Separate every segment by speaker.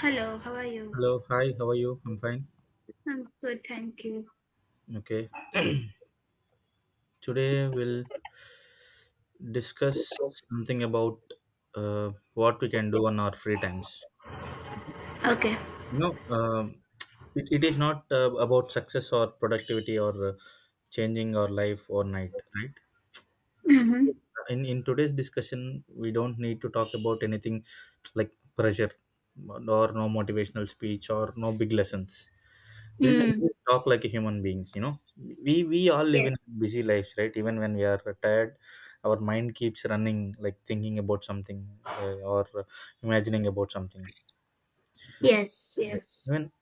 Speaker 1: Hello, how are you?
Speaker 2: Hello, hi, how are you? I'm fine.
Speaker 1: I'm good, thank you.
Speaker 2: Okay. Today we'll discuss something about what we can do on our free times.
Speaker 1: Okay.
Speaker 2: You know, um, it is not about success or productivity or changing our life overnight, right?
Speaker 1: Mm-hmm.
Speaker 2: In today's discussion, we don't need to talk about anything like pressure or no motivational speech or no big lessons. We'll
Speaker 1: Mm.
Speaker 2: just talk like a human beings, we all live in
Speaker 1: Yes.
Speaker 2: busy lives, right? Even when we are tired, our mind keeps running, like thinking about something or imagining about something.
Speaker 1: Yes, yes.
Speaker 2: Even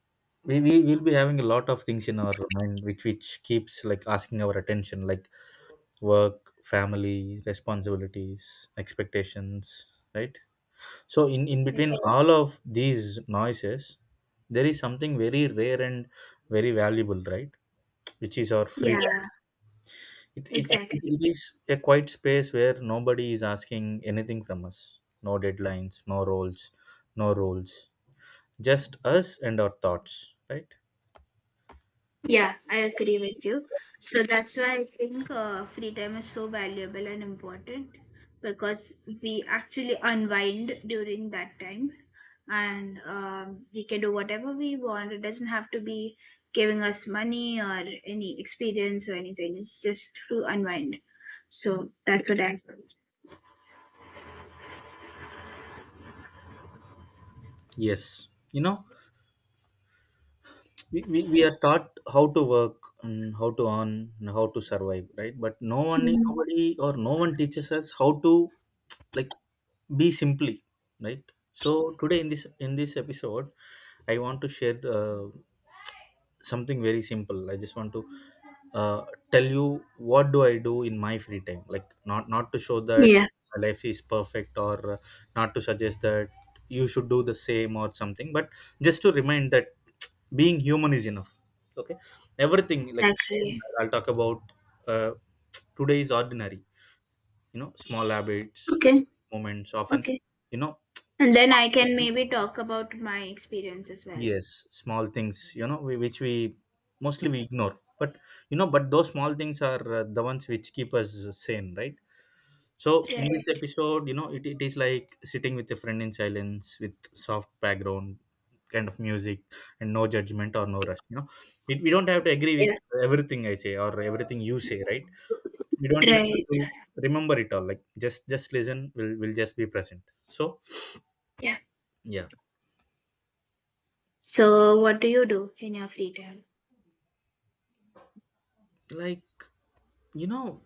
Speaker 2: we will be having a lot of things in our mind, which keeps like asking our attention, like work, family, responsibilities, expectations, right? So in
Speaker 1: Right.
Speaker 2: between all of these noises, there is something very rare and very valuable, right? Which is our free.
Speaker 1: Yeah,
Speaker 2: It, it,
Speaker 1: exactly.
Speaker 2: it is a quiet space where nobody is asking anything from us. No deadlines, no roles, no rules. Just us and our thoughts, right?
Speaker 1: Yeah, I agree with you. So that's why I think free time is so valuable and important because we actually unwind during that time and we can do whatever we want. It doesn't have to be giving us money or any experience or anything. It's just to unwind. So that's what I feel.
Speaker 2: Yes. You know, we are taught how to work and how to earn and how to survive, right? But no one,
Speaker 1: Mm.
Speaker 2: nobody or no one teaches us how to, like, be simply, right? So today in this episode, I want to share something very simple. I just want to uh, tell you, what do I do in my free time? Like not to show that
Speaker 1: Yeah,
Speaker 2: my life is perfect, or not to suggest that you should do the same or something, but just to remind that being human is enough. Okay. Everything, like,
Speaker 1: exactly.
Speaker 2: I'll talk about uh, today is ordinary, you know, small habits,
Speaker 1: Okay,
Speaker 2: moments often,
Speaker 1: okay.
Speaker 2: you know,
Speaker 1: And then I can maybe talk about my experience as well.
Speaker 2: yes, small things, you know, which we mostly we ignore, but you know, but those small things are the ones which keep us sane, right? So in this
Speaker 1: Right.
Speaker 2: episode, you know, it is like sitting with a friend in silence with soft background kind of music and no judgment or no rush, you know, we don't have to agree with
Speaker 1: Yeah.
Speaker 2: everything I say or everything you say, right? We don't even
Speaker 1: Right.
Speaker 2: have to remember it all, like, just listen. We'll just be present. So,
Speaker 1: Yeah.
Speaker 2: yeah,
Speaker 1: So what do you do in your free time?
Speaker 2: like, you know,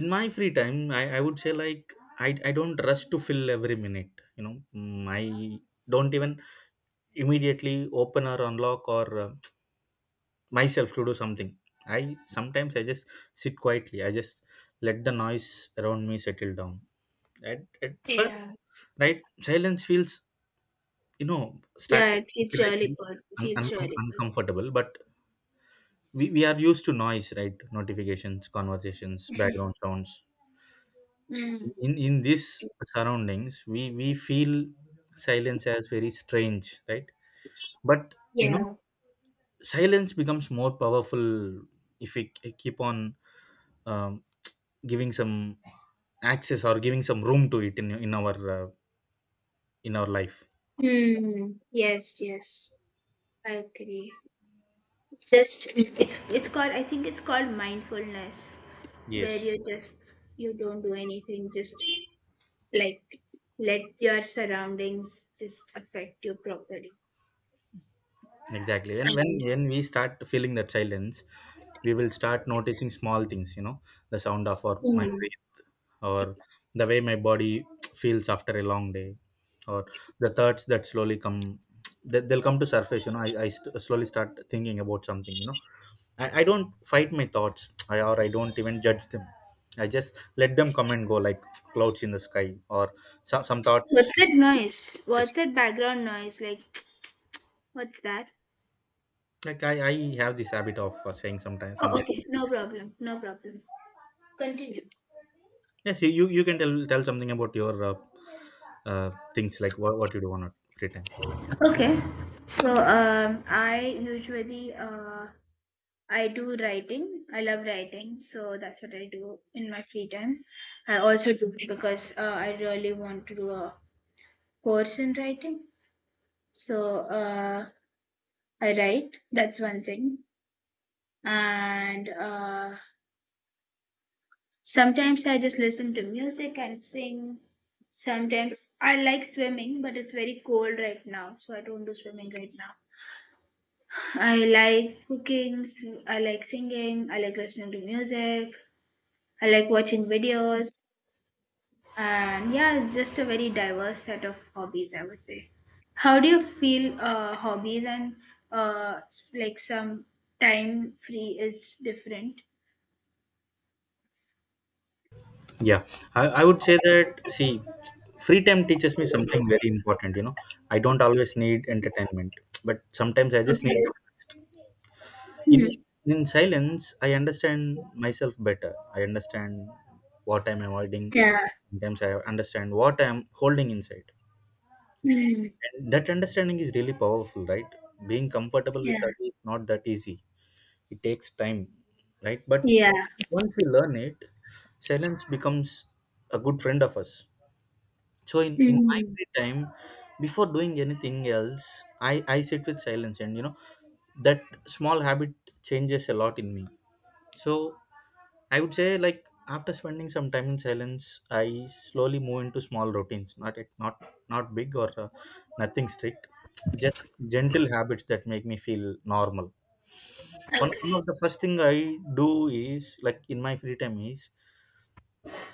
Speaker 2: in my free time, I would say, like, I don't rush to fill every minute, you know. Mm, I don't even immediately open or unlock or myself to do something. I sometimes i just sit quietly. I just let the noise around me settle down at first,
Speaker 1: Yeah.
Speaker 2: right? Silence feels, you know, start
Speaker 1: Yeah, it
Speaker 2: to
Speaker 1: feels
Speaker 2: feel like
Speaker 1: really good. It feels really good.
Speaker 2: uncomfortable, but we are used to noise, right? Notifications, conversations, background sounds.
Speaker 1: Mm.
Speaker 2: In this surroundings, we feel silence as very strange, right? But you know,
Speaker 1: Yeah.
Speaker 2: silence becomes more powerful if we keep on um, giving some access or giving some room to it in in our life.
Speaker 1: Mm. Yes, yes. I agree. It's called, I think it's called mindfulness, where
Speaker 2: Yes,
Speaker 1: you just, you don't do anything, just like let your surroundings just affect you properly.
Speaker 2: exactly. And when
Speaker 1: And
Speaker 2: when we start feeling that silence, we will start noticing small things, you know, the sound of our my
Speaker 1: mm,
Speaker 2: breath, or the way my body feels after a long day, or the thoughts that slowly come. They'll come to surface, you know, I slowly start thinking about something, you know. I don't fight my thoughts. I don't even judge them. I just let them come and go like clouds in the sky, or some
Speaker 1: what's
Speaker 2: thoughts.
Speaker 1: that noise?
Speaker 2: Yes,
Speaker 1: What's that background noise, like, what's that?
Speaker 2: like, I have this habit of saying
Speaker 1: Oh,
Speaker 2: sometimes.
Speaker 1: okay, no problem, no problem, continue.
Speaker 2: Yes, you can tell something about your things, like what you do on a free time.
Speaker 1: Okay, so I usually I do writing. I love writing, so that's what I do in my free time. I also do it because I really want to do a course in writing. So I write, that's one thing. And sometimes I just listen to music and sing. Sometimes I like swimming, but it's very cold right now, so I don't do swimming right now. I like cooking, I like singing, I like listening to music, I like watching videos. And yeah, it's just a very diverse set of hobbies, I would say. How do you feel, hobbies and like some time free is different?
Speaker 2: Yeah, I would say that, see, free time teaches me something very important. You know, I don't always need entertainment, but sometimes I just need
Speaker 1: Okay.
Speaker 2: some rest. In in silence, I understand myself better. I understand what I'm avoiding.
Speaker 1: Yeah.
Speaker 2: Sometimes I understand what I'm holding inside.
Speaker 1: Mm.
Speaker 2: And that understanding is really powerful, right? Being comfortable
Speaker 1: Yeah.
Speaker 2: with us is not that easy. It takes time, right? But
Speaker 1: Yeah.
Speaker 2: once we learn it, silence becomes a good friend of us. So in my
Speaker 1: Mm.
Speaker 2: free time, before doing anything else, I sit with silence, and you know, that small habit changes a lot in me. So I would say, like, after spending some time in silence, I slowly move into small routines. Not Not big, or nothing strict, just gentle habits that make me feel normal. One
Speaker 1: Okay.
Speaker 2: of the first thing I do is, like, in my free time is,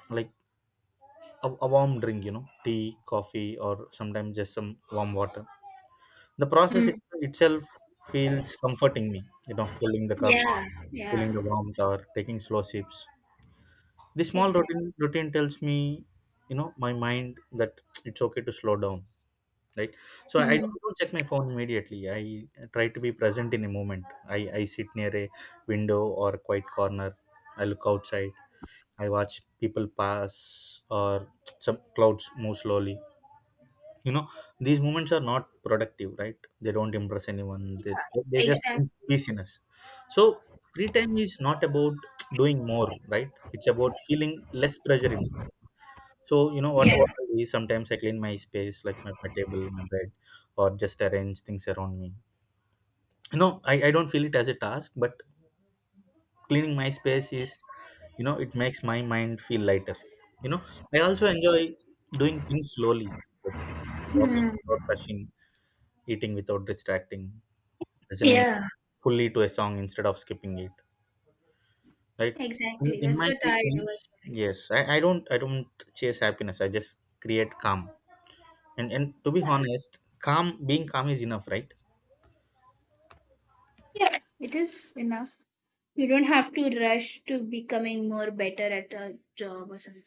Speaker 2: like, a warm drink, you know, tea, coffee, or sometimes just some warm water. The process
Speaker 1: Mm.
Speaker 2: itself feels comforting me, you know, holding the cup,
Speaker 1: Yeah.
Speaker 2: feeling the
Speaker 1: Yeah.
Speaker 2: warmth, or taking slow sips. This small
Speaker 1: Exactly.
Speaker 2: routine tells me, you know, my mind that it's okay to slow down, right? So I
Speaker 1: Mm.
Speaker 2: don't check my phone immediately. I try to be present in a moment. I sit near a window or a quiet corner. I look outside. I watch people pass, or some clouds move slowly. You know, these moments are not productive, right? They don't impress anyone. They just bring
Speaker 1: Exactly.
Speaker 2: busyness. So free time is not about doing more, right? It's about feeling less pressure in it. So you know
Speaker 1: Yeah.
Speaker 2: what I do is sometimes I clean my space, like my table, my bed, or just arrange things around me. You know, I don't feel it as a task, but cleaning my space is, you know, it makes my mind feel lighter. You know, I also enjoy doing things slowly, like walking
Speaker 1: Mm.
Speaker 2: without rushing, eating without distracting, listening
Speaker 1: Yeah.
Speaker 2: fully to a song instead of skipping it, right? in,
Speaker 1: Exactly.
Speaker 2: in
Speaker 1: That's
Speaker 2: my
Speaker 1: what
Speaker 2: free
Speaker 1: I
Speaker 2: time,
Speaker 1: do as well.
Speaker 2: yes, I don't, I don't chase happiness. I just create calm. And to be
Speaker 1: Yeah.
Speaker 2: honest, calm being calm is enough, right?
Speaker 1: Yeah. It is enough. You don't have to rush to becoming more better at a job or something.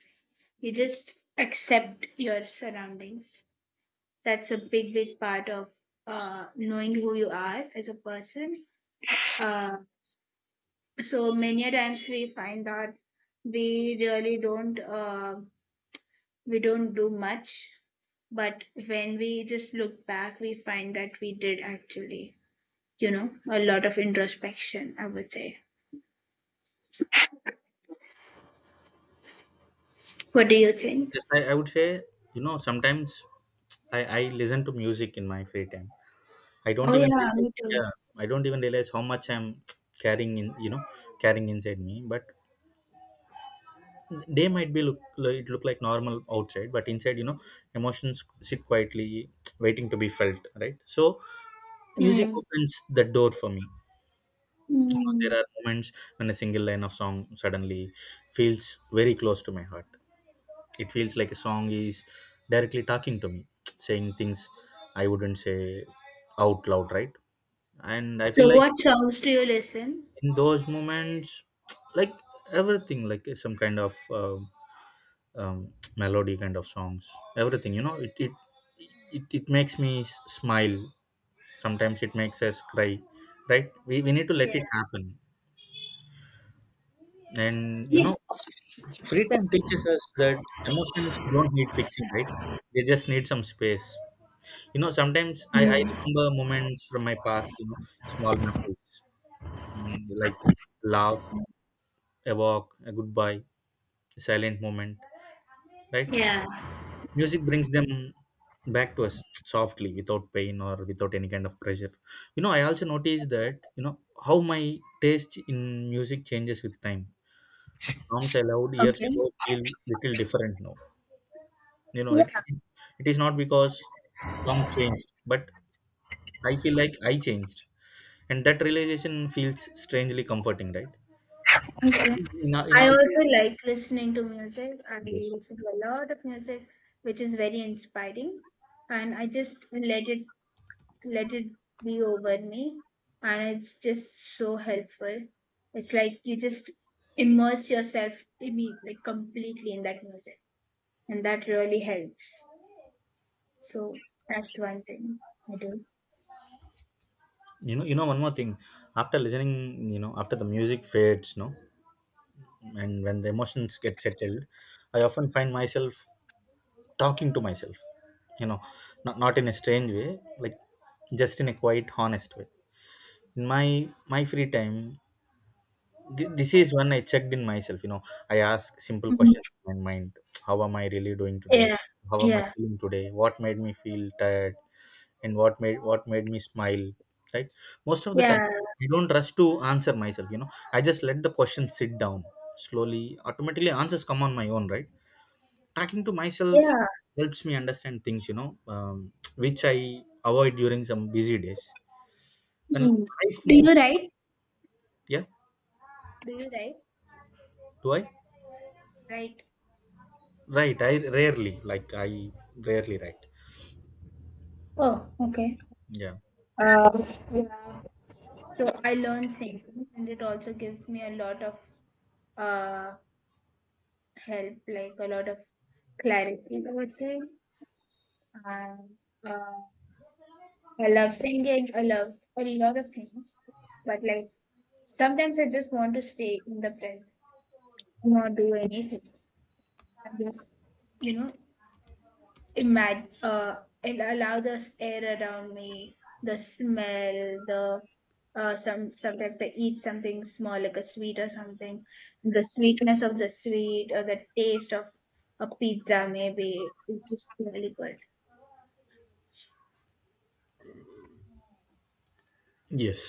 Speaker 1: You just accept your surroundings. That's a big, big part of knowing who you are as a person. Uh, so many a times we find that we really don't we don't do much, but when we just look back we find that we did actually, you know, a lot of introspection, I would say. What do you think?
Speaker 2: Yes, I would say, you know, sometimes I listen to music in my free time. I don't
Speaker 1: Oh
Speaker 2: even
Speaker 1: yeah,
Speaker 2: really,
Speaker 1: me too.
Speaker 2: yeah, I don't even realize how much I'm carrying in, you know, carrying inside me. But they might be look like, it look like normal outside, but inside, you know, emotions sit quietly, waiting to be felt, right? So music
Speaker 1: Hmm.
Speaker 2: opens the door for me. You know,
Speaker 1: Hmm.
Speaker 2: there are moments when a single line of song suddenly feels very close to my heart. It feels like a song is directly talking to me, saying things I wouldn't say out loud, right? And I feel
Speaker 1: So
Speaker 2: like
Speaker 1: what songs do you listen?
Speaker 2: in those moments, like, everything, like, some kind of melody kind of songs, everything, you know, it makes me smile. Sometimes it makes us cry, right? We need to let
Speaker 1: Yeah.
Speaker 2: it happen. And you
Speaker 1: Yeah.
Speaker 2: know, free time teaches us that emotions don't need fixing, right? They just need some space. You know, sometimes I
Speaker 1: Hmm.
Speaker 2: remember moments from my past, you know, small memories, mm, like, laugh, a walk, a goodbye, a silent moment, right?
Speaker 1: Yeah.
Speaker 2: Music brings them back to us softly, without pain or without any kind of pressure. You know, I also noticed that, you know, how my taste in music changes with time. Songs I loved years ago feel little different now. You know,
Speaker 1: Okay.
Speaker 2: it is not because some changed, but I feel like I changed. And that realization feels strangely comforting, right? in, a- in
Speaker 1: I
Speaker 2: Also,
Speaker 1: also like listening to music. I
Speaker 2: yes,
Speaker 1: listen to a lot of music, which is very inspiring, and I just let it, let it be over me, and it's just so helpful. It's like you just immerse yourself, like completely in that music, and that really helps. So that's one thing I do.
Speaker 2: you know, one more thing. After listening, you know, after the music fades, no, and when the emotions get settled, I often find myself talking to myself, you know, not in a strange way, like, just in a quite honest way. In my free time, this is when I checked in myself, you know, I ask simple
Speaker 1: Mhm.
Speaker 2: questions in my mind. How am I really doing today?
Speaker 1: Yeah,
Speaker 2: How am I
Speaker 1: yeah,
Speaker 2: feeling today? What made me feel tired? And what made me smile, right? Most of the time,
Speaker 1: yeah,
Speaker 2: I don't rush to answer myself, you know, I just let the question sit down. Slowly, automatically, answers come on my own, right? Talking to myself
Speaker 1: yeah.
Speaker 2: helps me understand things, you know, which I avoid during some busy days. When
Speaker 1: Hmm.
Speaker 2: life
Speaker 1: Do
Speaker 2: moves.
Speaker 1: you write?
Speaker 2: Yeah.
Speaker 1: Do you write?
Speaker 2: Do I?
Speaker 1: Write.
Speaker 2: Right, I rarely, like, I rarely write.
Speaker 1: Oh, okay.
Speaker 2: Yeah.
Speaker 1: Uh, yeah. So I learned singing, and it also gives me a lot of uh help, like a lot of clarity, I would say. And uh, I love singing. I love a lot of things, but like sometimes I just want to stay in the present, not do anything, and just, you know, imagine, and allow the air around me, the smell, the some, sometimes I eat something small, like a sweet or something, the sweetness of the sweet or the taste of a pizza, maybe, it's just really good.
Speaker 2: Yes,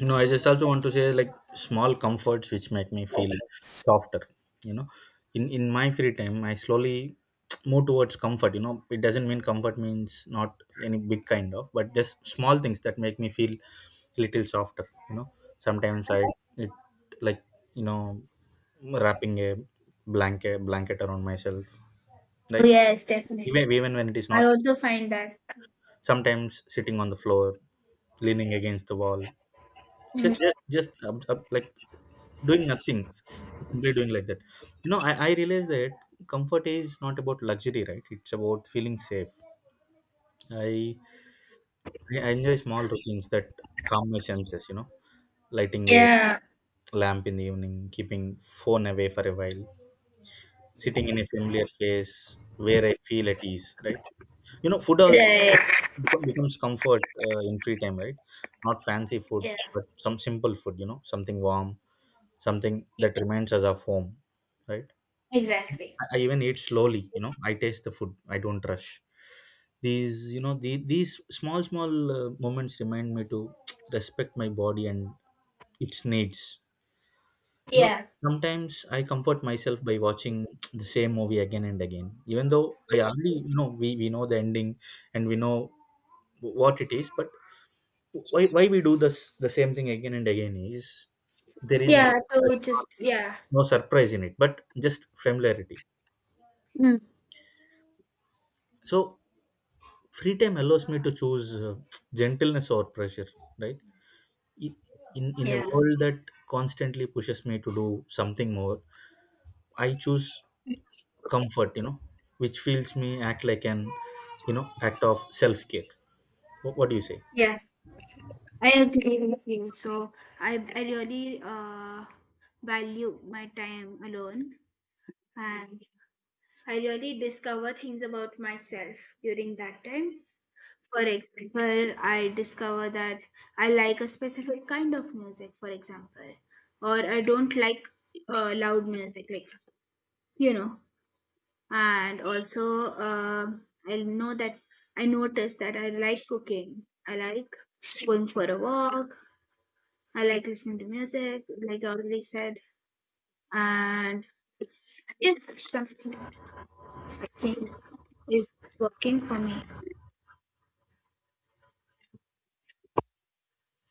Speaker 2: you know, I just also want to say, like, small comforts which make me
Speaker 1: Oh,
Speaker 2: feel softer, you know. In my free time, I slowly move towards comfort, you know. It doesn't mean comfort means not any big kind of, but just small things that make me feel little softer, you know. Sometimes I, it, like, you know, wrapping a blanket around myself, right?
Speaker 1: yes, definitely.
Speaker 2: Even when it is
Speaker 1: I
Speaker 2: not,
Speaker 1: also find that.
Speaker 2: sometimes sitting on the floor, leaning against the wall, just
Speaker 1: Mm,
Speaker 2: up, like, doing nothing, simply doing like that, you know, I realize that comfort is not about luxury, right? It's about feeling safe. I i I enjoy small routines that calm my senses, you know, lighting a
Speaker 1: yeah.
Speaker 2: lamp in the evening, keeping phone away for a while, sitting in a familiar place where I feel at ease, right? You know, food also
Speaker 1: Right.
Speaker 2: becomes comfort in free time, right? Not fancy food,
Speaker 1: Yeah.
Speaker 2: but some simple food, you know, something warm, something that remains as a home, right?
Speaker 1: Exactly.
Speaker 2: I, even eat slowly, you know, I taste the food, I don't rush. These, you know, these small moments remind me to respect my body and its needs. You know,
Speaker 1: Yeah.
Speaker 2: sometimes I comfort myself by watching the same movie again and again, even though I already, you know, we know the ending and we know what it is, but why we do this the same thing again and again is there is no
Speaker 1: Yeah. To
Speaker 2: stress or
Speaker 1: just, yeah.
Speaker 2: no surprise in it, but just familiarity.
Speaker 1: Mm.
Speaker 2: So free time allows me to choose gentleness or pressure, right? I- in a
Speaker 1: Yeah.
Speaker 2: world that constantly pushes me to do something more, I choose comfort, you know, which feels me act like an, you know, act of self care. What do you say?
Speaker 1: Yeah, I agree with you. So I really value my time alone, and I really discover things about myself during that time. For example, I discover that I like a specific kind of music, for example, or I don't like loud music, like, you know. And also, I know that, I notice that I like cooking. I like going for a walk. I like listening to music, like I already said, and it's something I think is working for me.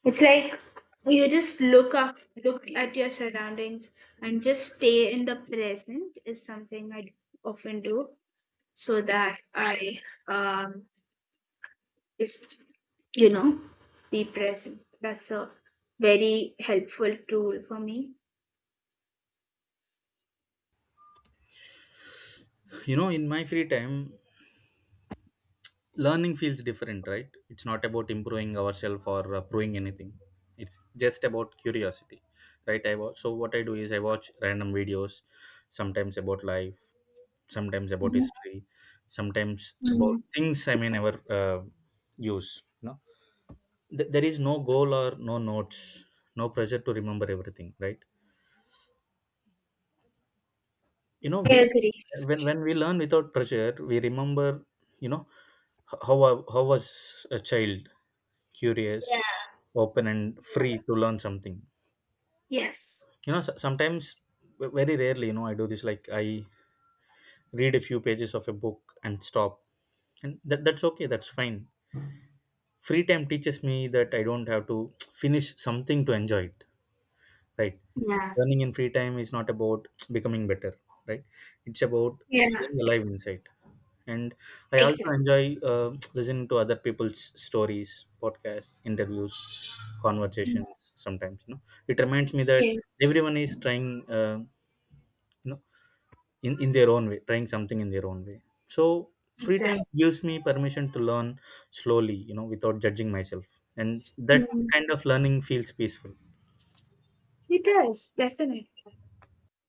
Speaker 1: It's like you just look up, look at your surroundings, and just stay in the present is something I often do, so that I, um just, you know, be present. That's a very helpful tool for me.
Speaker 2: You know, in my free time, learning feels different, right? It's not about improving ourselves or proving anything. It's just about curiosity. Right? I watch, so what I do is I watch random videos, sometimes about life, sometimes about
Speaker 1: Mhm.
Speaker 2: history, sometimes about
Speaker 1: Mhm.
Speaker 2: things I may never use. No, there is no goal or no notes, no pressure to remember everything, right? You know,
Speaker 1: I
Speaker 2: wh-
Speaker 1: agree.
Speaker 2: when when we learn without pressure, we remember. You know, how was a child, curious,
Speaker 1: Yeah.
Speaker 2: open and free to learn something.
Speaker 1: Yes.
Speaker 2: You know, sometimes, very rarely, you know, I do this like I read a few pages of a book and stop. And that's okay, that's fine. Free time teaches me that I don't have to finish something to enjoy it, right?
Speaker 1: Yeah.
Speaker 2: Learning in free time is not about becoming better, right? It's about
Speaker 1: Yeah,
Speaker 2: staying alive inside. And I also
Speaker 1: exactly.
Speaker 2: enjoy uh, listening to other people's stories, podcasts, interviews,
Speaker 1: Mm.
Speaker 2: conversations, sometimes, you know, it reminds me that
Speaker 1: Yeah,
Speaker 2: everyone is trying, uh, you know, in their own way, trying something in their own way. So free time
Speaker 1: exactly.
Speaker 2: gives me permission to learn slowly, you know, without judging myself, and that
Speaker 1: Mm.
Speaker 2: kind of learning feels peaceful.
Speaker 1: It does, definitely.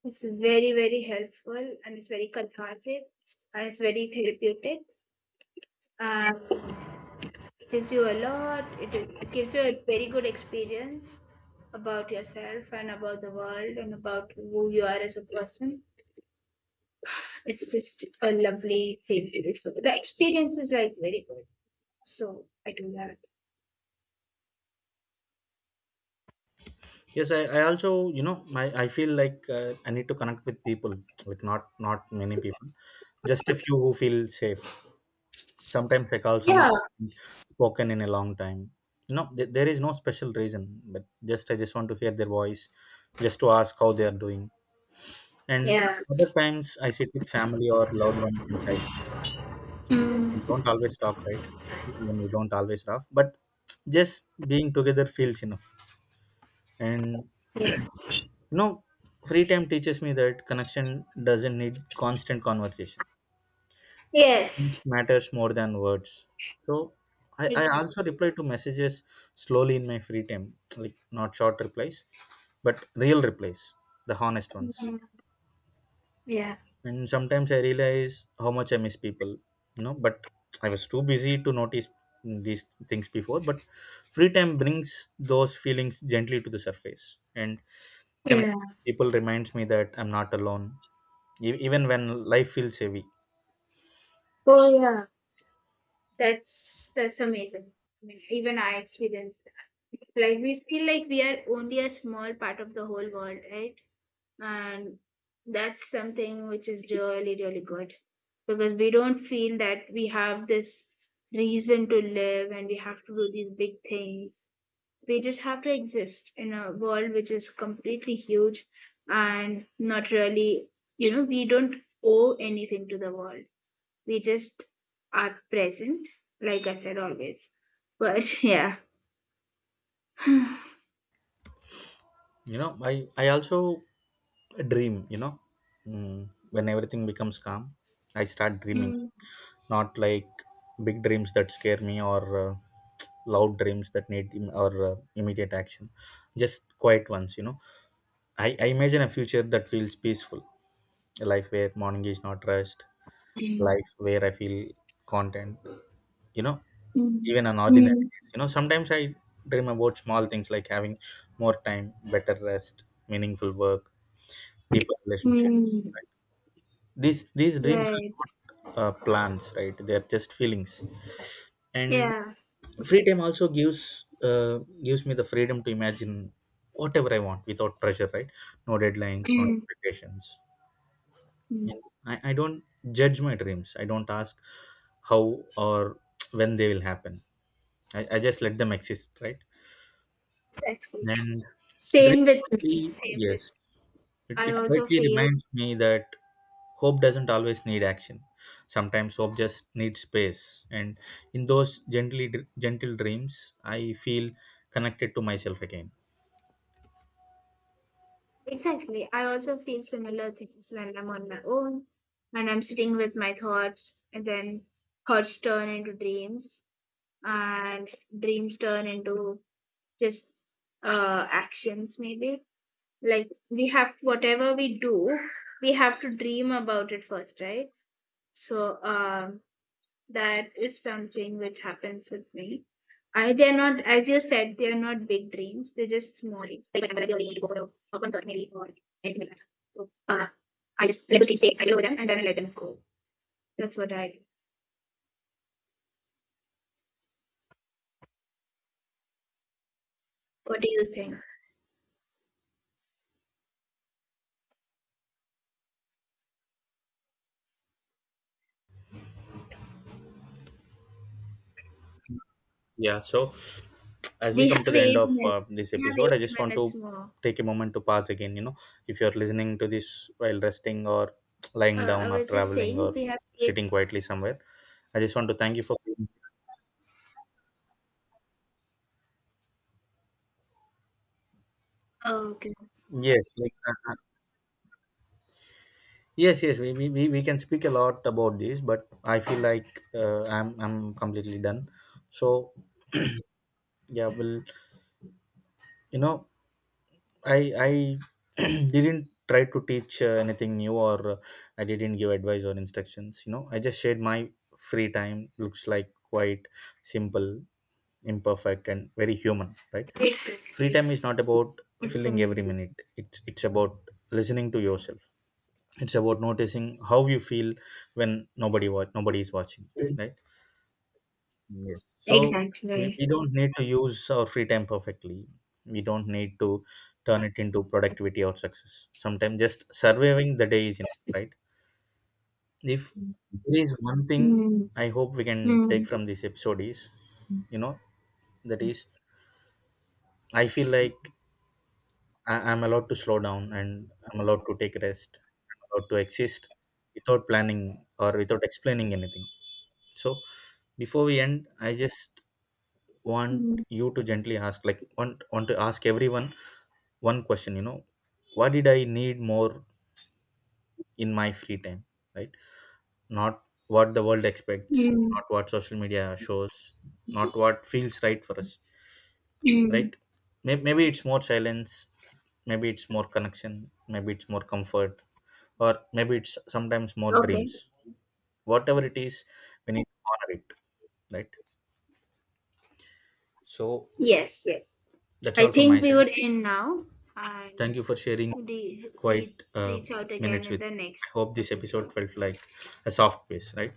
Speaker 1: It's very, very helpful, and it's very cathartic, and it's very therapeutic. Uh, it teaches you a lot. It, is, it gives you a very good experience about yourself and about the world and about who you are as a person. It's just a lovely thing. It's, the experience is like very good. So I do that.
Speaker 2: Yes, I, also, you know, I feel like I need to connect with people, like not many people, just a few who feel safe. Sometimes I call someone
Speaker 1: Yeah.
Speaker 2: spoken in a long time. No, there is no special reason, but just I just want to hear their voice, just to ask how they are doing. And
Speaker 1: Yeah.
Speaker 2: other times I sit with family or loved ones in silence.
Speaker 1: Mm.
Speaker 2: We don't always talk, right? When we don't always laugh, but just being together feels enough. And
Speaker 1: Yeah.
Speaker 2: you know, free time teaches me that connection doesn't need constant conversation. It
Speaker 1: Yes.
Speaker 2: matters more than words. So I,
Speaker 1: Exactly.
Speaker 2: also reply to messages slowly in my free time, like not short replies, but real replies, the honest ones.
Speaker 1: Mhm. Yeah.
Speaker 2: And sometimes I realize how much I miss people, you know, but I was too busy to notice these things before. But free time brings those feelings gently to the surface, and connect
Speaker 1: Yeah.
Speaker 2: people reminds me that I'm not alone. Even when life feels heavy,
Speaker 1: Oh yeah. That's amazing. I mean, even I experienced that. Like we feel like we are only a small part of the whole world, right? And that's something which is really, really good. Because we don't feel that we have this reason to live and we have to do these big things. We just have to exist in a world which is completely huge and not really, you know, we don't owe anything to the world, we just are present, like I said always. But yeah.
Speaker 2: you know, I also dream, you know, mm, when everything becomes calm, I start dreaming.
Speaker 1: Mm,
Speaker 2: Not like big dreams that scare me, or loud dreams that need Im- or immediate action, just quiet ones, you know. I, imagine a future that feels peaceful, a life where morning is not rushed,
Speaker 1: mm,
Speaker 2: life where I feel content, you know,
Speaker 1: mm,
Speaker 2: even on
Speaker 1: mm,
Speaker 2: ordinary days. You know, sometimes I dream about small things like having more time, better rest, meaningful work, deeper relationships.
Speaker 1: mm.
Speaker 2: Right? These dreams are
Speaker 1: Right.
Speaker 2: not plans, right? They are just feelings. And
Speaker 1: Yeah.
Speaker 2: free time also gives me the freedom to imagine whatever I want without pressure, right? No deadlines, no
Speaker 1: Mm,
Speaker 2: expectations. And
Speaker 1: mm.
Speaker 2: I, don't judge my dreams. I don't ask how or when they will happen. I, just let them exist, right?
Speaker 1: Exactly.
Speaker 2: And it
Speaker 1: Same
Speaker 2: really
Speaker 1: with me.
Speaker 2: quietly,
Speaker 1: Same
Speaker 2: yes,
Speaker 1: with, I
Speaker 2: it
Speaker 1: also
Speaker 2: quietly
Speaker 1: feel,
Speaker 2: reminds me that hope doesn't always need action. Sometimes hope just needs space. And in those gently gentle dreams, I feel connected to myself again.
Speaker 1: exactly. I also feel similar things when I'm on my own and I'm sitting with my thoughts, and then thoughts turn into dreams, and dreams turn into just actions maybe, like we have, whatever we do, we have to dream about it first, right? So that is something which happens with me. I they're not, as you said, they're not big dreams, they're just small dreams, like for example I really need to go for a concert maybe, or anything like that. So I just let the things take, I deal with them and then I let them go. That's what I do. What do you think?
Speaker 2: Yeah, so as we
Speaker 1: We
Speaker 2: come to
Speaker 1: have
Speaker 2: the end
Speaker 1: eight
Speaker 2: of
Speaker 1: minutes
Speaker 2: this
Speaker 1: We have
Speaker 2: episode, I
Speaker 1: eight
Speaker 2: just want
Speaker 1: minutes
Speaker 2: to
Speaker 1: more.
Speaker 2: take a moment to pause again. You know, if you're listening to this while resting or lying
Speaker 1: I
Speaker 2: down or
Speaker 1: was just
Speaker 2: traveling
Speaker 1: saying
Speaker 2: or
Speaker 1: we have eight.
Speaker 2: sitting quietly somewhere, I just want to thank you for being.
Speaker 1: Oh, okay.
Speaker 2: Yes, like yes, yes, we can speak a lot about this, but I feel like I'm completely done. So yeah, well, you know, I didn't try to teach anything new or I didn't give advice or instructions. You know, I just shared my free time. Looks like quite simple, imperfect, and very human, right? Free
Speaker 1: Exactly.
Speaker 2: time is not about
Speaker 1: It's
Speaker 2: filling every
Speaker 1: amazing.
Speaker 2: minute. It's about listening to yourself, it's about noticing how you feel when nobody is watching, right? So we,
Speaker 1: Exactly.
Speaker 2: don't need to use our free time perfectly, we don't need to turn it into productivity or success. Sometimes just surviving the day is enough, right? If there is one thing
Speaker 1: Mm,
Speaker 2: I hope we can take
Speaker 1: mm,
Speaker 2: from this episode is, you know, that is, I feel like I, I'm allowed to slow down, and I'm allowed to take rest, I'm allowed to exist without planning or without explaining anything. So before we end, I just want
Speaker 1: mm,
Speaker 2: you to gently ask, like, want to ask everyone one question. You know, what did I need more in my free time? Right? Not what the world expects,
Speaker 1: mm,
Speaker 2: not what social media shows, not what feels right for us.
Speaker 1: mm.
Speaker 2: Right? Maybe it's more silence. Maybe it's more connection. Maybe it's more comfort, or maybe it's sometimes more
Speaker 1: Okay.
Speaker 2: dreams. Whatever it is, we need to honor it. Right? So
Speaker 1: Yes, yes.
Speaker 2: that's
Speaker 1: I
Speaker 2: all from my
Speaker 1: think we
Speaker 2: side.
Speaker 1: would end now, and
Speaker 2: Thank you for sharing
Speaker 1: re- re-
Speaker 2: quite uh,
Speaker 1: reach out again
Speaker 2: minutes
Speaker 1: in
Speaker 2: with. Me.
Speaker 1: the
Speaker 2: I
Speaker 1: next
Speaker 2: hope this episode
Speaker 1: episode.
Speaker 2: felt like a soft pace, right?